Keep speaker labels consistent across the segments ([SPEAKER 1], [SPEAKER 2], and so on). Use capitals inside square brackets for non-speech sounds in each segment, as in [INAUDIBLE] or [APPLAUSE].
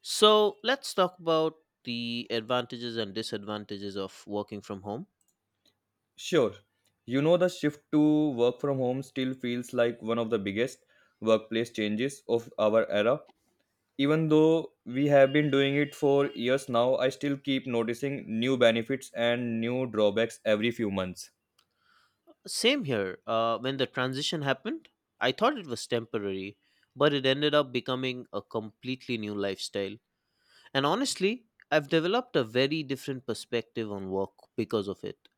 [SPEAKER 1] So let's talk about the advantages and disadvantages of working from home.
[SPEAKER 2] Sure. You know, the shift to work from home still feels like one of the biggest workplace changes of our era. Even though we have been doing it for years now, I still keep noticing new benefits and new drawbacks every few months.
[SPEAKER 1] Same here. When the transition happened, I thought it was temporary, but it ended up becoming a completely new lifestyle. And honestly, I've developed a very different perspective on work because of it.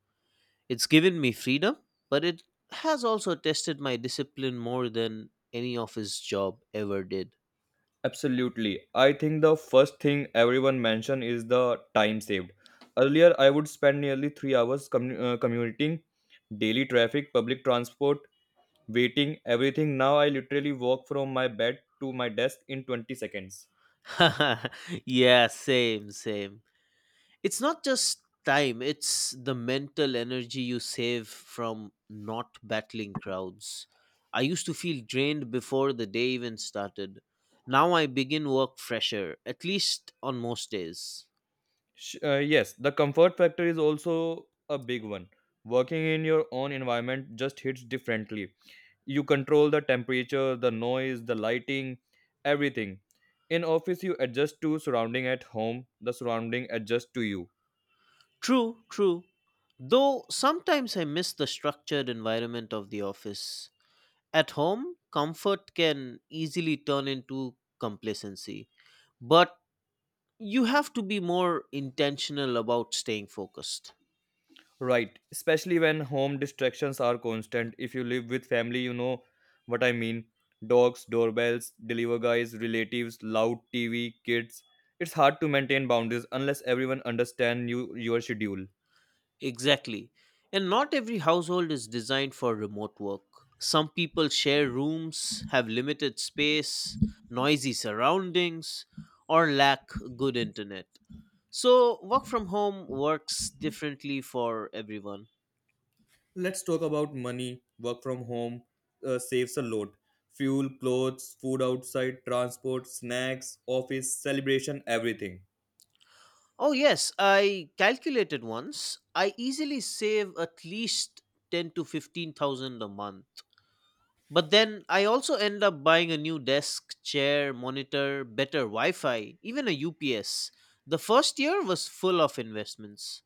[SPEAKER 1] It's given me freedom, but it has also tested my discipline more than any office job ever did.
[SPEAKER 2] Absolutely. I think the first thing everyone mentioned is the time saved. Earlier, I would spend nearly 3 hours commuting, daily traffic, public transport, waiting, everything. Now I literally walk from my bed to my desk in 20 seconds.
[SPEAKER 1] [LAUGHS] Yeah, same. It's not just time, it's the mental energy you save from not battling crowds. I used to feel drained before the day even started. Now I begin work fresher, at least on most days.
[SPEAKER 2] Yes, the comfort factor is also a big one. Working in your own environment just hits differently. You control the temperature, the noise, the lighting, everything. In office you adjust to surrounding, at home, the surrounding adjust to you.
[SPEAKER 1] True, true. Though sometimes I miss the structured environment of the office. At home, comfort can easily turn into complacency, but you have to be more intentional about staying focused.
[SPEAKER 2] Right, especially when home distractions are constant. If you live with family, you know what I mean. Dogs, doorbells, deliver guys, relatives, loud TV, kids. It's hard to maintain boundaries unless everyone understands you, your schedule.
[SPEAKER 1] Exactly. And not every household is designed for remote work. Some people share rooms, have limited space, noisy surroundings, or lack good internet. So, work from home works differently for everyone.
[SPEAKER 2] Let's talk about money. Work from home saves a lot. Fuel, clothes, food outside, transport, snacks, office, celebration, everything.
[SPEAKER 1] Oh, yes, I calculated once. I easily save at least 10 to 15,000 a month. But then I also end up buying a new desk, chair, monitor, better Wi Fi, even a UPS. The first year was full of investments.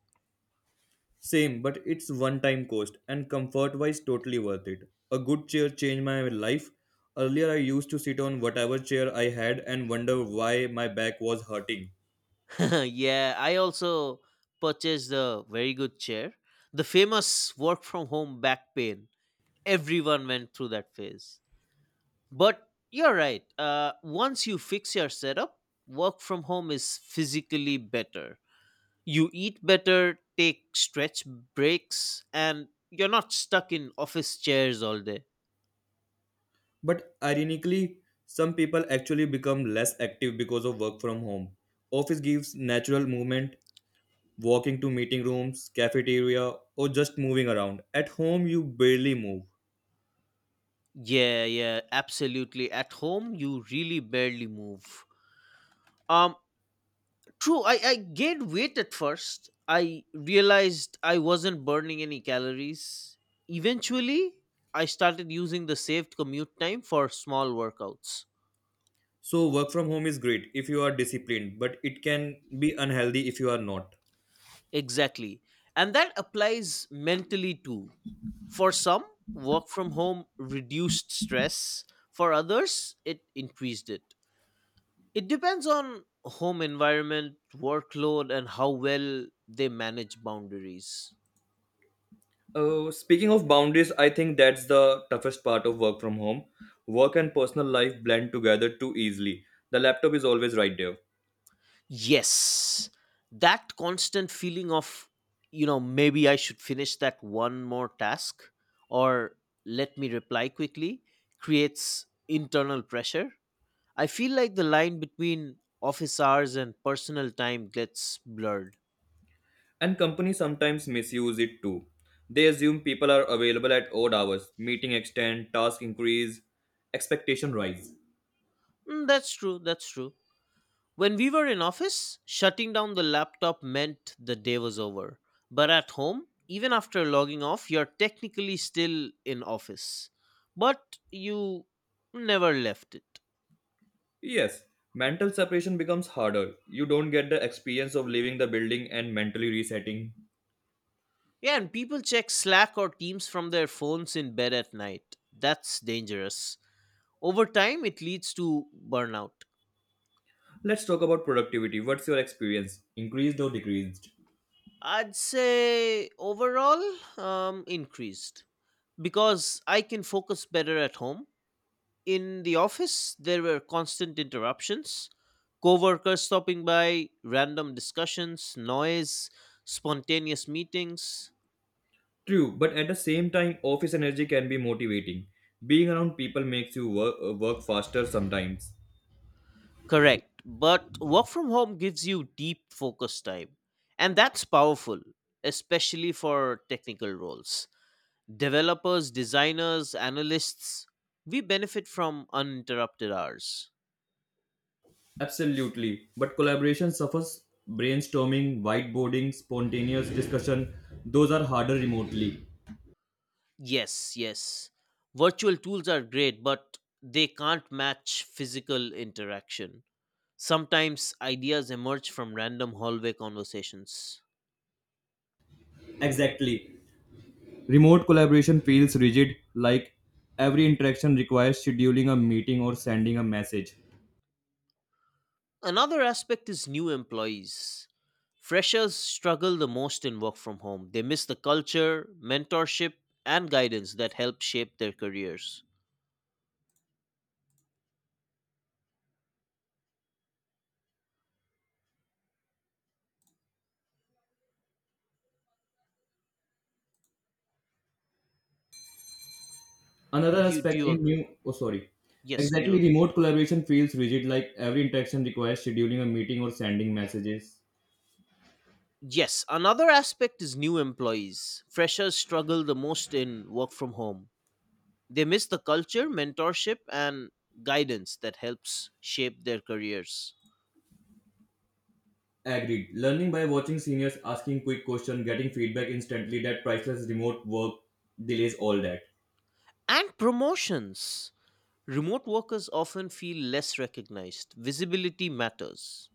[SPEAKER 2] Same, but it's one time cost and comfort wise totally worth it. A good chair changed my life. Earlier I used to sit on whatever chair I had and wonder why my back was hurting.
[SPEAKER 1] [LAUGHS] Yeah, I also purchased a very good chair. The famous work from home back pain. Everyone went through that phase. But you're right. Once you fix your setup, work from home is physically better. You eat better, take stretch breaks, and you're not stuck in office chairs all day.
[SPEAKER 2] But ironically, some people actually become less active because of work from home. Office gives natural movement, walking to meeting rooms, cafeteria, or just moving around. At home you barely move.
[SPEAKER 1] Yeah, yeah, absolutely. At home, you really barely move. Um, True, I gained weight at first. I realized I wasn't burning any calories. Eventually, I started using the saved commute time for small workouts.
[SPEAKER 2] So work from home is great if you are disciplined, but it can be unhealthy if you are not.
[SPEAKER 1] Exactly. And that applies mentally too. For some, work from home reduced stress. For others, it increased it. It depends on home environment, workload, and how well they manage boundaries.
[SPEAKER 2] Speaking of boundaries, I think that's the toughest part of work from home. Work and personal life blend together too easily. The laptop is always right there.
[SPEAKER 1] Yes, that constant feeling of, maybe I should finish that one more task or let me reply quickly, creates internal pressure. I feel like the line between office hours and personal time gets blurred.
[SPEAKER 2] And companies sometimes misuse it too. They assume people are available at odd hours, meeting extend, task increase, expectation rise.
[SPEAKER 1] Mm, that's true. When we were in office, shutting down the laptop meant the day was over. But at home, even after logging off, you're technically still in office. But you never left it.
[SPEAKER 2] Yes, mental separation becomes harder. You don't get the experience of leaving the building and mentally resetting.
[SPEAKER 1] Yeah, and people check Slack or Teams from their phones in bed at night. That's dangerous. Over time, it leads to burnout.
[SPEAKER 2] Let's talk about productivity. What's your experience? Increased or decreased?
[SPEAKER 1] I'd say overall increased, because I can focus better at home. In the office, there were constant interruptions, coworkers stopping by, random discussions, noise, spontaneous meetings.
[SPEAKER 2] True, but at the same time, office energy can be motivating. Being around people makes you work faster sometimes.
[SPEAKER 1] Correct. But work from home gives you deep focus time. And that's powerful, especially for technical roles. Developers, designers, analysts, we benefit from uninterrupted hours.
[SPEAKER 2] Absolutely, but collaboration suffers brainstorming, whiteboarding, spontaneous discussion, those are harder remotely.
[SPEAKER 1] Yes, yes. Virtual tools are great, but they can't match physical interaction. Sometimes ideas emerge from random hallway conversations.
[SPEAKER 2] Exactly. Remote collaboration feels rigid, like every interaction requires scheduling a meeting or sending a message.
[SPEAKER 1] Another aspect is new employees. Freshers struggle the most in work from home. They miss the culture, mentorship, and guidance that help shape their careers.
[SPEAKER 2] Another
[SPEAKER 1] Do you, do
[SPEAKER 2] aspect
[SPEAKER 1] you
[SPEAKER 2] in
[SPEAKER 1] agree?
[SPEAKER 2] new, oh, sorry.
[SPEAKER 1] Yes, do you
[SPEAKER 2] Exactly,
[SPEAKER 1] agree?
[SPEAKER 2] remote collaboration feels rigid, like every interaction requires scheduling a meeting or sending messages.
[SPEAKER 1] Yes, another aspect is new employees. Freshers struggle the most in work from home. They miss the culture, mentorship, and guidance that helps shape their careers.
[SPEAKER 2] Agreed. Learning by watching seniors, asking quick questions, getting feedback instantly, that priceless remote work delays all that.
[SPEAKER 1] And promotions. Remote workers often feel less recognized. Visibility matters.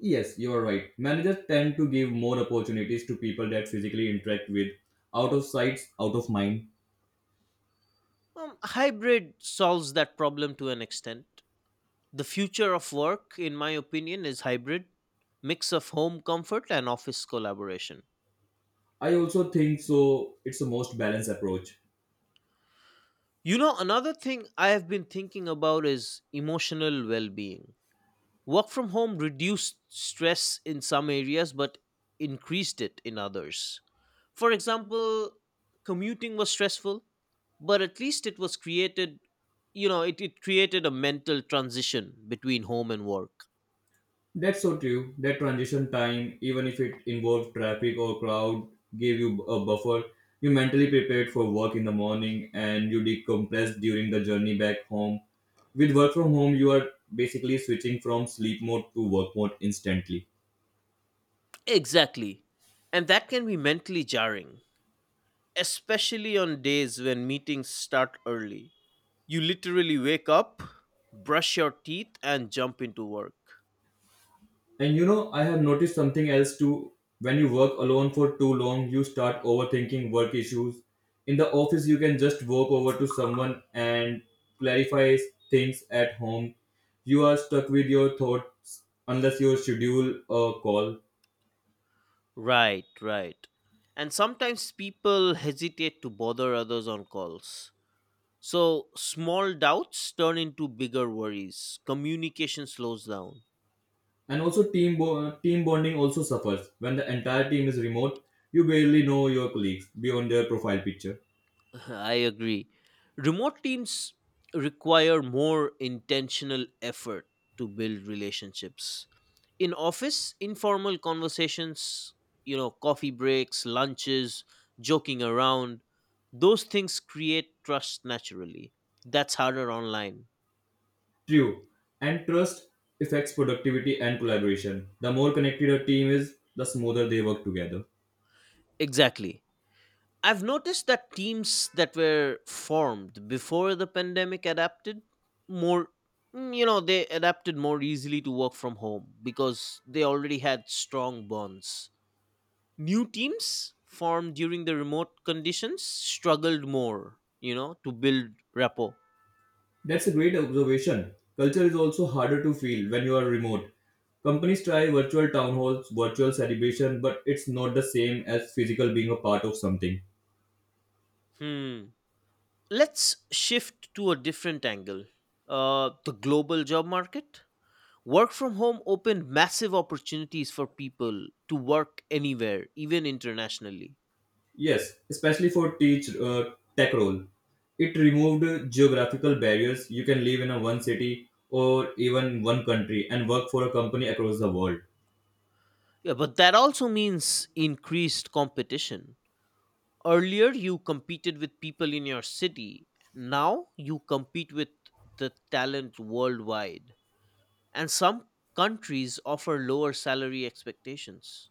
[SPEAKER 2] Yes, you are right. Managers tend to give more opportunities to people that physically interact with, out of sight, out of mind.
[SPEAKER 1] Hybrid solves that problem to an extent. The future of work, in my opinion, is hybrid, mix of home comfort and office collaboration.
[SPEAKER 2] I also think so, it's the most balanced approach.
[SPEAKER 1] You know, another thing I have been thinking about is emotional well being. Work from home reduced stress in some areas but increased it in others. For example, commuting was stressful, but at least it was created, it created a mental transition between home and work.
[SPEAKER 2] That's so true. That transition time, even if it involved traffic or crowd, gave you a buffer. You mentally prepared for work in the morning and you decompressed during the journey back home. With work from home, you are basically switching from sleep mode to work mode instantly.
[SPEAKER 1] Exactly. And that can be mentally jarring, especially on days when meetings start early. You literally wake up, brush your teeth, and jump into work.
[SPEAKER 2] And you know, I have noticed something else too. When you work alone for too long, you start overthinking work issues. In the office, you can just walk over to someone and clarify things. At home, you are stuck with your thoughts unless you schedule a call.
[SPEAKER 1] Right, right. And sometimes people hesitate to bother others on calls. So small doubts turn into bigger worries. Communication slows down.
[SPEAKER 2] And also, team bonding also suffers. When the entire team is remote, you barely know your colleagues beyond their profile picture.
[SPEAKER 1] [LAUGHS] I agree. Remote teams require more intentional effort to build relationships. In office informal conversations, coffee breaks, lunches, joking around, those things create trust naturally. That's harder online.
[SPEAKER 2] True. And trust affects productivity and collaboration. The more connected a team is, the smoother they work together.
[SPEAKER 1] Exactly. I've noticed that teams that were formed before the pandemic adapted more. You know, they adapted more easily to work from home because they already had strong bonds. New teams formed during the remote conditions struggled more, to build rapport.
[SPEAKER 2] That's a great observation. Culture is also harder to feel when you are remote. Companies try virtual town halls, virtual celebration, but it's not the same as physical being a part of something.
[SPEAKER 1] Hmm. Let's shift to a different angle, the global job market. Work from home opened massive opportunities for people to work anywhere, even internationally.
[SPEAKER 2] Yes, especially for teach tech role. It removed geographical barriers. You can live in a one city or even one country and work for a company across the world.
[SPEAKER 1] Yeah, but that also means increased competition. Earlier, you competed with people in your city. Now, you compete with the talent worldwide. And some countries offer lower salary expectations.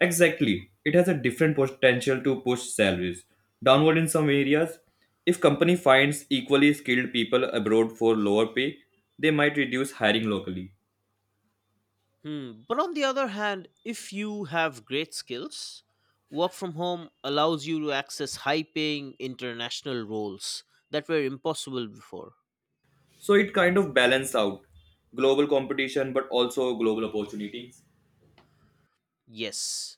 [SPEAKER 2] Exactly. It has a different potential to push salaries downward in some areas. If company finds equally skilled people abroad for lower pay, they might reduce hiring locally.
[SPEAKER 1] Hmm. But on the other hand, if you have great skills, work from home allows you to access high paying international roles that were impossible before.
[SPEAKER 2] So it kind of balance out, global competition but also global opportunities.
[SPEAKER 1] Yes.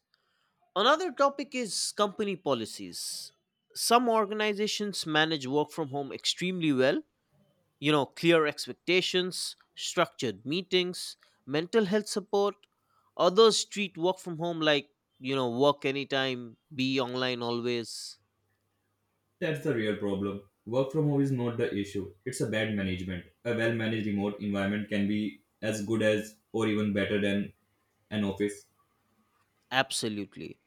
[SPEAKER 1] Another topic is company policies. Some organizations manage work from home extremely well, clear expectations, structured meetings, mental health support. Others treat work from home like, work anytime, be online always.
[SPEAKER 2] That's the real problem. Work from home is not the issue. It's a bad management. A well managed remote environment can be as good as or even better than an office.
[SPEAKER 1] Absolutely.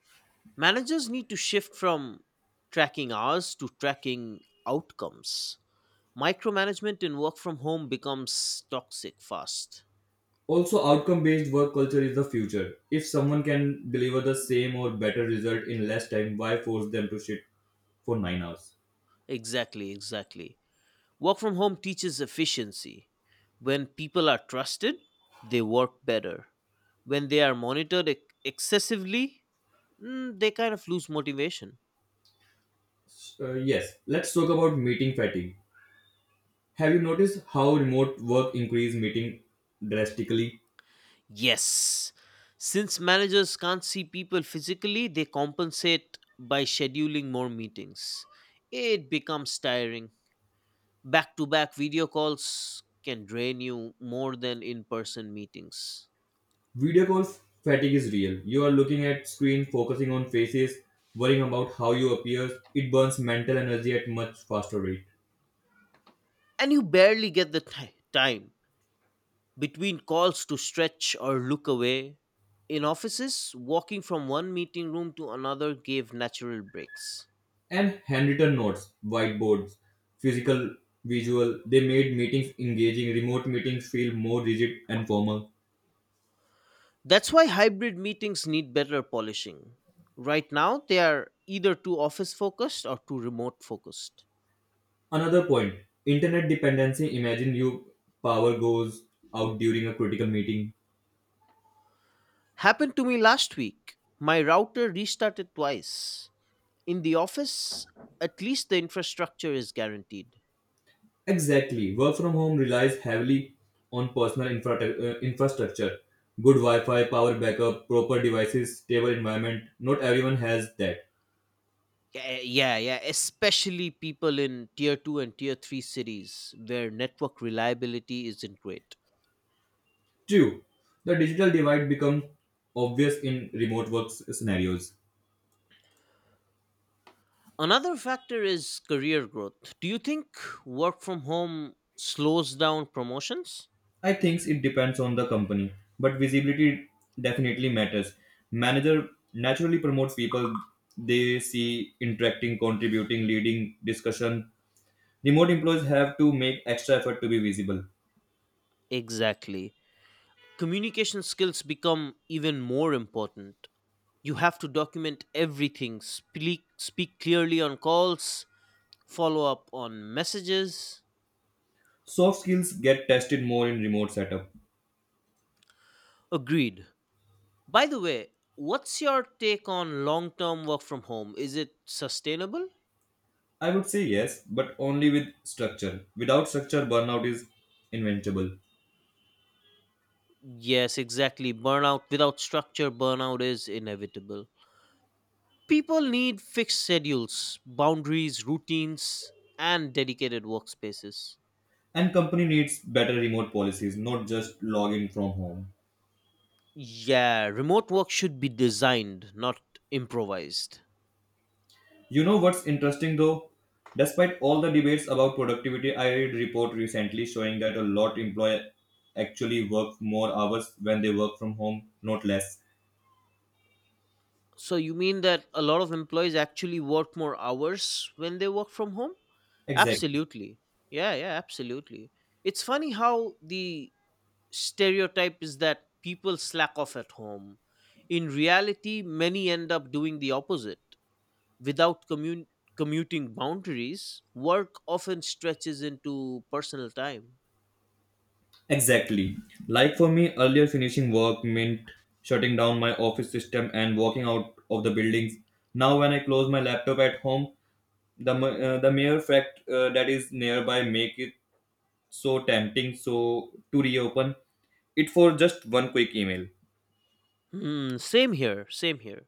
[SPEAKER 1] Managers need to shift from tracking hours to tracking outcomes. Micromanagement in work from home becomes toxic fast.
[SPEAKER 2] Also, outcome based work culture is the future. If someone can deliver the same or better result in less time, why force them to sit for 9 hours?
[SPEAKER 1] Exactly, exactly. Work from home teaches efficiency. When people are trusted, they work better. When they are monitored excessively, they kind of lose motivation.
[SPEAKER 2] Yes, let's talk about meeting fatigue. Have you noticed how remote work increase meeting drastically?
[SPEAKER 1] Yes, since managers can't see people physically, they compensate by scheduling more meetings. It becomes tiring. Back to back video calls can drain you more than in person meetings.
[SPEAKER 2] Video call fatigue is real. You are looking at screen, focusing on faces, worrying about how you appear. It burns mental energy at much faster rate.
[SPEAKER 1] And you barely get the time between calls to stretch or look away. In offices, walking from one meeting room to another gave natural breaks.
[SPEAKER 2] And handwritten notes, whiteboards, physical, visual. They made meetings engaging, remote meetings feel more rigid and formal.
[SPEAKER 1] That's why hybrid meetings need better polishing. Right now, they are either too office focused or too remote focused.
[SPEAKER 2] Another point, internet dependency. Imagine you power goes out during a critical meeting.
[SPEAKER 1] Happened to me last week. My router restarted twice. In the office, at least the infrastructure is guaranteed.
[SPEAKER 2] Exactly. Work from home relies heavily on personal infrastructure. Good Wi Fi, power backup, proper devices, stable environment. Not everyone has that.
[SPEAKER 1] Yeah, yeah, yeah. Especially people in tier two and tier three cities where network reliability isn't great.
[SPEAKER 2] True, the digital divide becomes obvious in remote work scenarios.
[SPEAKER 1] Another factor is career growth. Do you think work from home slows down promotions?
[SPEAKER 2] I think it depends on the company, but visibility definitely matters. Manager naturally promotes people they see interacting, contributing, leading discussion. Remote employees have to make extra effort to be visible.
[SPEAKER 1] Exactly. Communication skills become even more important. You have to document everything, speak clearly on calls, follow up on messages.
[SPEAKER 2] Soft skills get tested more in remote setup.
[SPEAKER 1] Agreed. By the way, what's your take on long term work from home? Is it sustainable?
[SPEAKER 2] I would say yes, but only with structure. Without structure, burnout is inevitable.
[SPEAKER 1] Yes, exactly. Burnout without structure, burnout is inevitable. People need fixed schedules, boundaries, routines, and dedicated workspaces.
[SPEAKER 2] And company needs better remote policies, not just log in from home.
[SPEAKER 1] Yeah, remote work should be designed, not improvised.
[SPEAKER 2] You know what's interesting though? Despite all the debates about productivity, I read report recently showing that a lot employee actually work more hours when they work from home, not less.
[SPEAKER 1] So, you mean that a lot of employees actually work more hours when they work from home?
[SPEAKER 2] Exactly.
[SPEAKER 1] Absolutely. Yeah, yeah, absolutely. It's funny how the stereotype is that people slack off at home. In reality, many end up doing the opposite. Without commuting boundaries, work often stretches into personal time.
[SPEAKER 2] Exactly. Like for me, earlier finishing work meant shutting down my office system and walking out of the buildings. Now, when I close my laptop at home, the mere fact that is nearby make it so tempting so to reopen it for just one quick email.
[SPEAKER 1] Hmm, same here.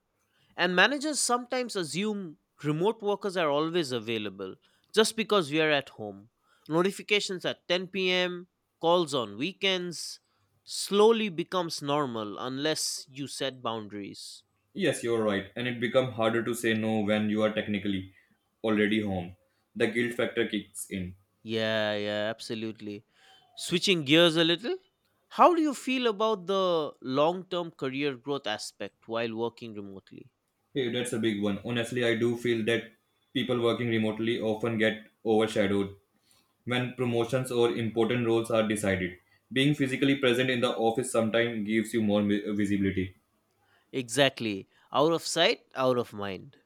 [SPEAKER 1] And managers sometimes assume remote workers are always available just because we are at home. Notifications at 10 p.m., calls on weekends, slowly becomes normal unless you set boundaries.
[SPEAKER 2] Yes, you're right, and it becomes harder to say no when you are technically already home. The guilt factor kicks in.
[SPEAKER 1] Yeah, yeah, absolutely. Switching gears a little, how do you feel about the long term career growth aspect while working remotely?
[SPEAKER 2] Hey, that's a big one. Honestly, I do feel that people working remotely often get overshadowed when promotions or important roles are decided. Being physically present in the office sometimes gives you more visibility.
[SPEAKER 1] Exactly. Out of sight, out of mind.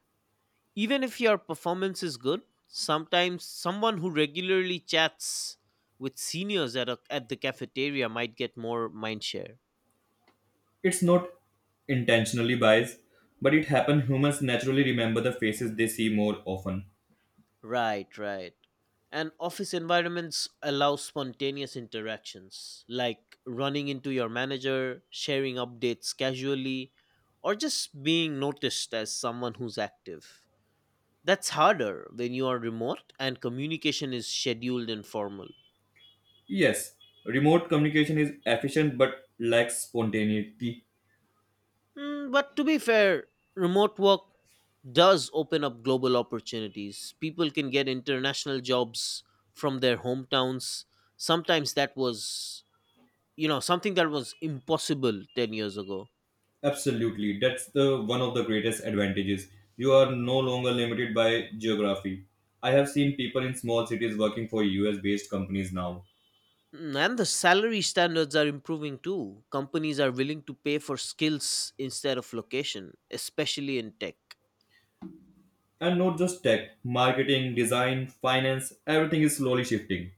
[SPEAKER 1] Even if your performance is good, sometimes someone who regularly chats with seniors at the cafeteria might get more mindshare.
[SPEAKER 2] It's not intentionally biased, but it happens. Humans naturally remember the faces they see more often.
[SPEAKER 1] Right, right. And office environments allow spontaneous interactions, like running into your manager, sharing updates casually, or just being noticed as someone who's active. That's harder when you are remote and communication is scheduled and formal.
[SPEAKER 2] Yes, remote communication is efficient but lacks spontaneity.
[SPEAKER 1] Mm, but to be fair, remote work does open up global opportunities. People can get international jobs from their hometowns. Sometimes that was, something that was impossible 10 years ago.
[SPEAKER 2] Absolutely. That's the one of the greatest advantages. You are no longer limited by geography. I have seen people in small cities working for US based companies now.
[SPEAKER 1] Mm, and the salary standards are improving too. Companies are willing to pay for skills instead of location, especially in tech.
[SPEAKER 2] And not just tech, marketing, design, finance, everything is slowly shifting.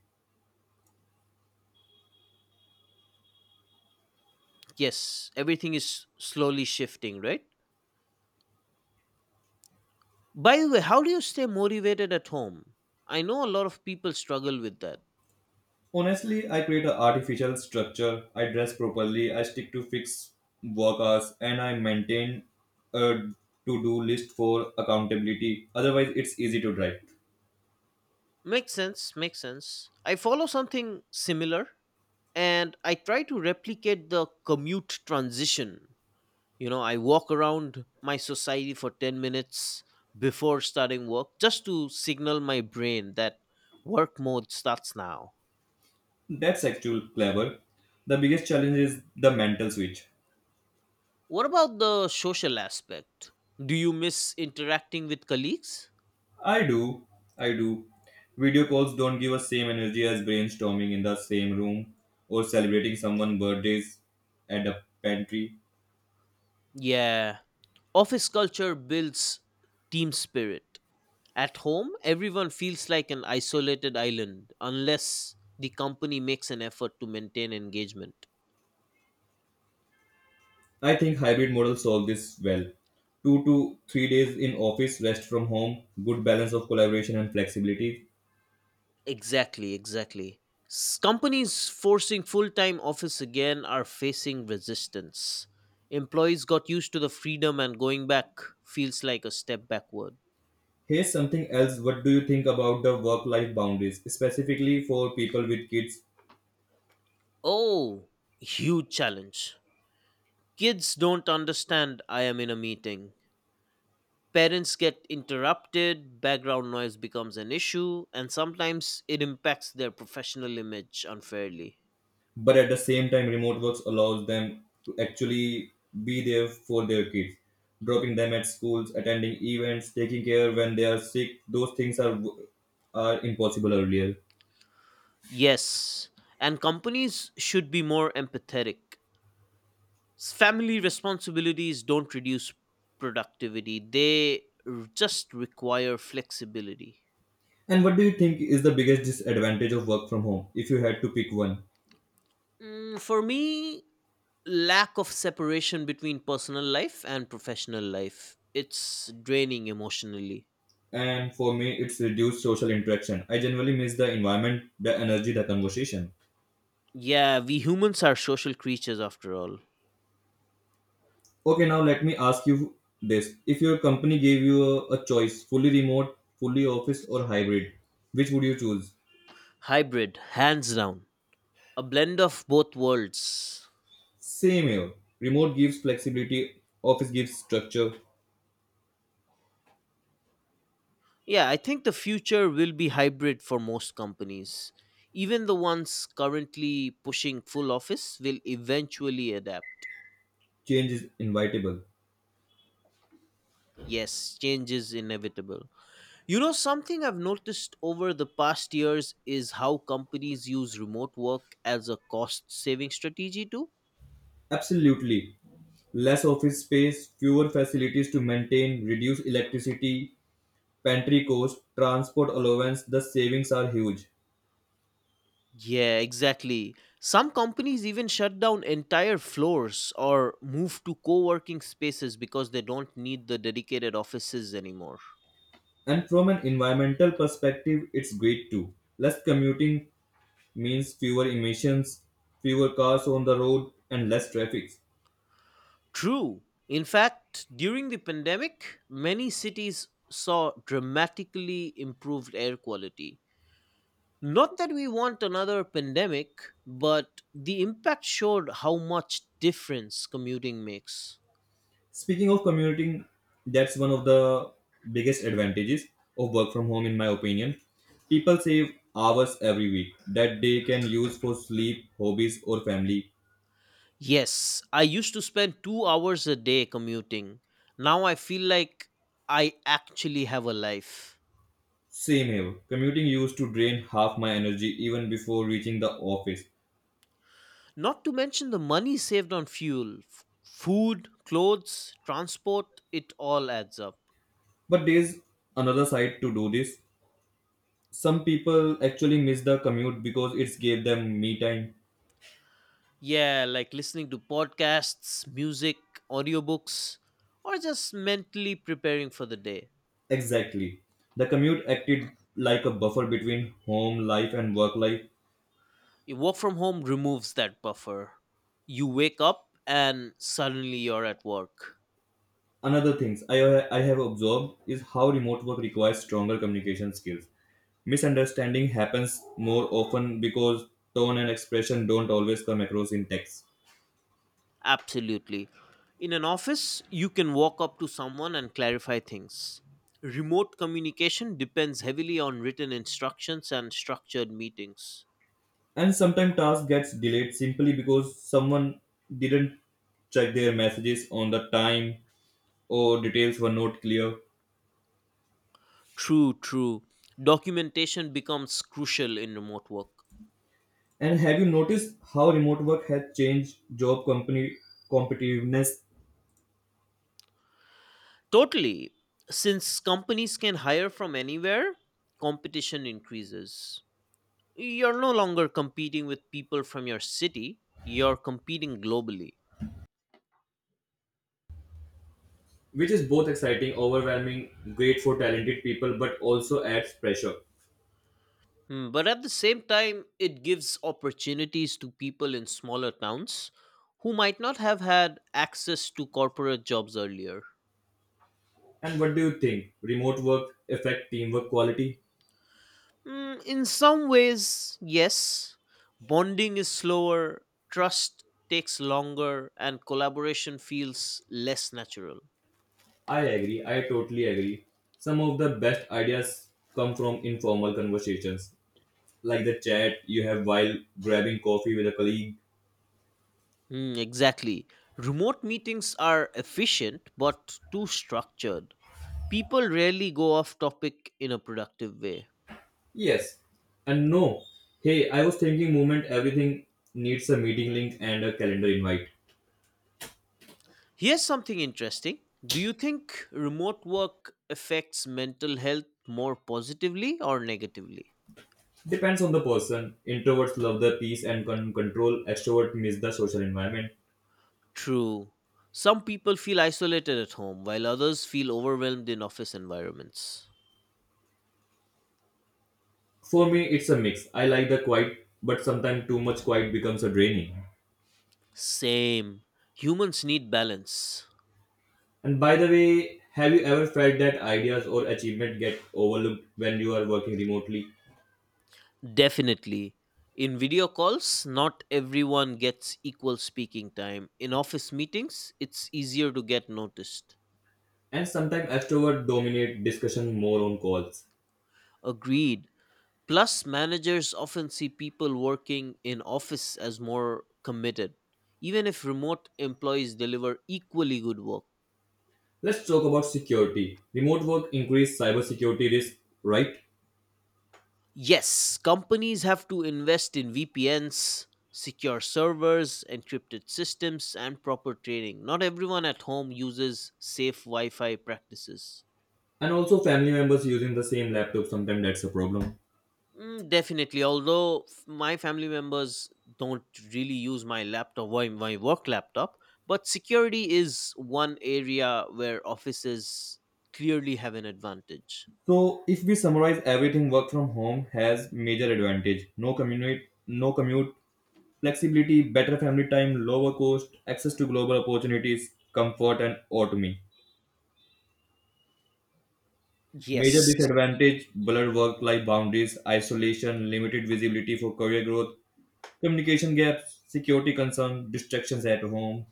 [SPEAKER 1] Yes, everything is slowly shifting, right? By the way, how do you stay motivated at home? I know a lot of people struggle with that.
[SPEAKER 2] Honestly, I create an artificial structure, I dress properly, I stick to fixed work hours, and I maintain a to do list for accountability. Otherwise, it's easy to drive.
[SPEAKER 1] Makes sense, makes sense. I follow something similar, and I try to replicate the commute transition. You know, I walk around my society for 10 minutes before starting work just to signal my brain that work mode starts now.
[SPEAKER 2] That's actually clever. The biggest challenge is the mental switch.
[SPEAKER 1] What about the social aspect? Do you miss interacting with colleagues?
[SPEAKER 2] I do. I do. Video calls don't give us same energy as brainstorming in the same room or celebrating someone's birthdays at a pantry.
[SPEAKER 1] Yeah, office culture builds team spirit. At home everyone feels like an isolated island unless the company makes an effort to maintain engagement.
[SPEAKER 2] I think hybrid model solve this well. 2 to 3 days in office, rest from home, good balance of collaboration and flexibility.
[SPEAKER 1] Exactly, exactly. Companies forcing full time office again are facing resistance. Employees got used to the freedom, and going back feels like a step backward.
[SPEAKER 2] Here's something else. What do you think about the work life boundaries, specifically for people with kids?
[SPEAKER 1] Oh, huge challenge. Kids don't understand I am in a meeting. Parents get interrupted, background noise becomes an issue, and sometimes it impacts their professional image unfairly.
[SPEAKER 2] But at the same time remote works allows them to actually be there for their kids, dropping them at schools, attending events, taking care when they are sick, those things are impossible earlier.
[SPEAKER 1] Yes, and companies should be more empathetic. Family responsibilities don't reduce productivity, they just require flexibility.
[SPEAKER 2] And what do you think is the biggest disadvantage of work from home if you had to pick one?
[SPEAKER 1] For me, lack of separation between personal life and professional life, it's draining emotionally.
[SPEAKER 2] And for me it's reduced social interaction, I generally miss the environment, the energy, the conversation.
[SPEAKER 1] Yeah, we humans are social creatures after all.
[SPEAKER 2] Okay, now let me ask you this, if your company gave you a choice, fully remote, fully office or hybrid, which would you choose?
[SPEAKER 1] Hybrid hands down, a blend of both worlds.
[SPEAKER 2] Same here. Remote gives flexibility, office gives structure,
[SPEAKER 1] Yeah, I think the future will be hybrid for most companies. Even the ones currently pushing full office will eventually adapt.
[SPEAKER 2] change is inevitable.
[SPEAKER 1] Yes, change is inevitable. You know, something I've noticed over the past years is how companies use remote work as a cost saving strategy too.
[SPEAKER 2] Absolutely. Less office space, fewer facilities to maintain, reduce electricity, pantry cost, transport allowance, the savings are huge.
[SPEAKER 1] Yeah, exactly. Some companies even shut down entire floors or move to co working spaces because they don't need the dedicated offices anymore.
[SPEAKER 2] And from an environmental perspective, it's great too. Less commuting means fewer emissions, fewer cars on the road, and less traffic.
[SPEAKER 1] True. In fact, during the pandemic, many cities saw dramatically improved air quality. Not that we want another pandemic, but the impact showed how much difference commuting makes.
[SPEAKER 2] Speaking of commuting, that's one of the biggest advantages of work from home, in my opinion. People save hours every week that they can use for sleep, hobbies, or family.
[SPEAKER 1] Yes, I used to spend 2 hours a day commuting. Now I feel like I actually have a life.
[SPEAKER 2] Same here. Commuting used to drain half my energy even before reaching the office.
[SPEAKER 1] Not to mention the money saved on fuel, food, clothes, transport, it all adds up.
[SPEAKER 2] But there's another side to do this. Some people actually miss the commute because it's gave them me time.
[SPEAKER 1] Yeah, like listening to podcasts, music, audiobooks, or just mentally preparing for the day.
[SPEAKER 2] Exactly. The commute acted like a buffer between home life and work life.
[SPEAKER 1] Your work from home removes that buffer. You wake up and suddenly you're at work.
[SPEAKER 2] Another things I have observed is how remote work requires stronger communication skills. Misunderstanding happens more often because tone and expression don't always come across in text.
[SPEAKER 1] Absolutely. In an office, you can walk up to someone and clarify things. Remote communication depends heavily on written instructions and structured meetings.
[SPEAKER 2] And sometimes task gets delayed simply because someone didn't check their messages on the time or details were not clear.
[SPEAKER 1] True, true. Documentation becomes crucial in remote work.
[SPEAKER 2] And have you noticed how remote work has changed job company competitiveness,
[SPEAKER 1] Totally. Since companies can hire from anywhere, competition increases. You're no longer competing with people from your city, you're competing globally.
[SPEAKER 2] which is both exciting, overwhelming, great for talented people, but also adds pressure.
[SPEAKER 1] Hmm, but at the same time, it gives opportunities to people in smaller towns who might not have had access to corporate jobs earlier.
[SPEAKER 2] And what do you think? Remote work affect teamwork quality?
[SPEAKER 1] Hmm, in some ways, yes, bonding is slower, trust takes longer, and collaboration feels less natural.
[SPEAKER 2] I agree. I totally agree. Some of the best ideas come from informal conversations, like the chat you have while grabbing coffee with a colleague.
[SPEAKER 1] Mm, exactly. Remote meetings are efficient but too structured. People rarely go off topic in a productive way.
[SPEAKER 2] Yes. And no. Hey, I was thinking movement everything needs a meeting link and a calendar invite.
[SPEAKER 1] Here's something interesting. Do you think remote work affects mental health more positively or negatively?
[SPEAKER 2] Depends on the person. Introverts love the peace and control. Extrovert miss the social environment.
[SPEAKER 1] True. Some people feel isolated at home while others feel overwhelmed in office environments.
[SPEAKER 2] For me, it's a mix. I like the quiet, but sometimes too much quiet becomes a draining.
[SPEAKER 1] Same. Humans need balance.
[SPEAKER 2] And by the way, have you ever felt that ideas or achievement get overlooked when you are working remotely?
[SPEAKER 1] Definitely. In video calls, not everyone gets equal speaking time. In office meetings, it's easier to get noticed.
[SPEAKER 2] And sometimes extroverts dominate discussion more on calls.
[SPEAKER 1] Agreed. Plus, managers often see people working in office as more committed, even if remote employees deliver equally good work.
[SPEAKER 2] Let's talk about security. Remote work increase cybersecurity risk, right?
[SPEAKER 1] Yes, companies have to invest in VPNs, secure servers, encrypted systems, and proper training. Not everyone at home uses safe Wi Fi practices.
[SPEAKER 2] And also family members using the same laptop sometimes, that's a problem.
[SPEAKER 1] Mm, definitely. Although my family members don't really use my laptop, why my work laptop, but security is one area where offices clearly have an advantage.
[SPEAKER 2] So if we summarize everything, work from home has major advantage. No commute, no commute, flexibility, better family time, lower cost, access to global opportunities, comfort and autonomy. Major
[SPEAKER 1] Yes.
[SPEAKER 2] disadvantage, blurred work life boundaries, isolation, limited visibility for career growth, communication gaps, security concerns, distractions at home.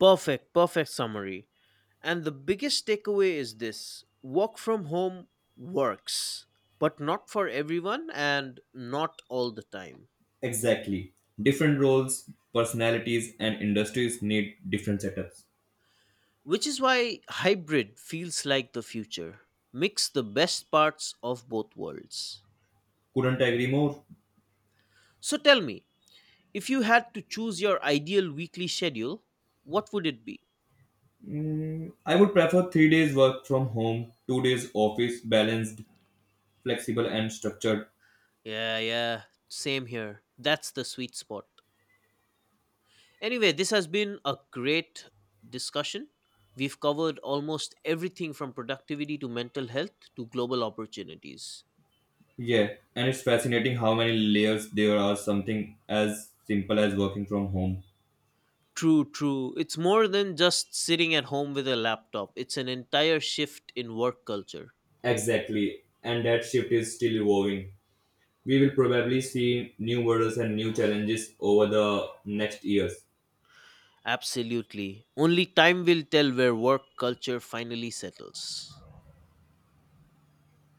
[SPEAKER 1] Perfect. Perfect summary. And the biggest takeaway is this: work from home works, but not for everyone and not all the time.
[SPEAKER 2] Exactly. Different roles, personalities, and industries need different setups.
[SPEAKER 1] Which is why hybrid feels like the future. Mix the best parts of both worlds.
[SPEAKER 2] Couldn't agree more.
[SPEAKER 1] So tell me, if you had to choose your ideal weekly schedule, what would it be?
[SPEAKER 2] Mm, I would prefer 3 days work from home, 2 days office, balanced, flexible, and structured.
[SPEAKER 1] Yeah, yeah, same here. That's the sweet spot. Anyway, this has been a great discussion. We've covered almost everything from productivity to mental health to global opportunities.
[SPEAKER 2] Yeah, and it's fascinating how many layers there are, something as simple as working from home.
[SPEAKER 1] True, true. It's more than just sitting at home with a laptop, it's an entire shift in work culture.
[SPEAKER 2] Exactly, and that shift is still evolving. We will probably see new models and new challenges over the next years.
[SPEAKER 1] Absolutely. Only time will tell where work culture finally settles.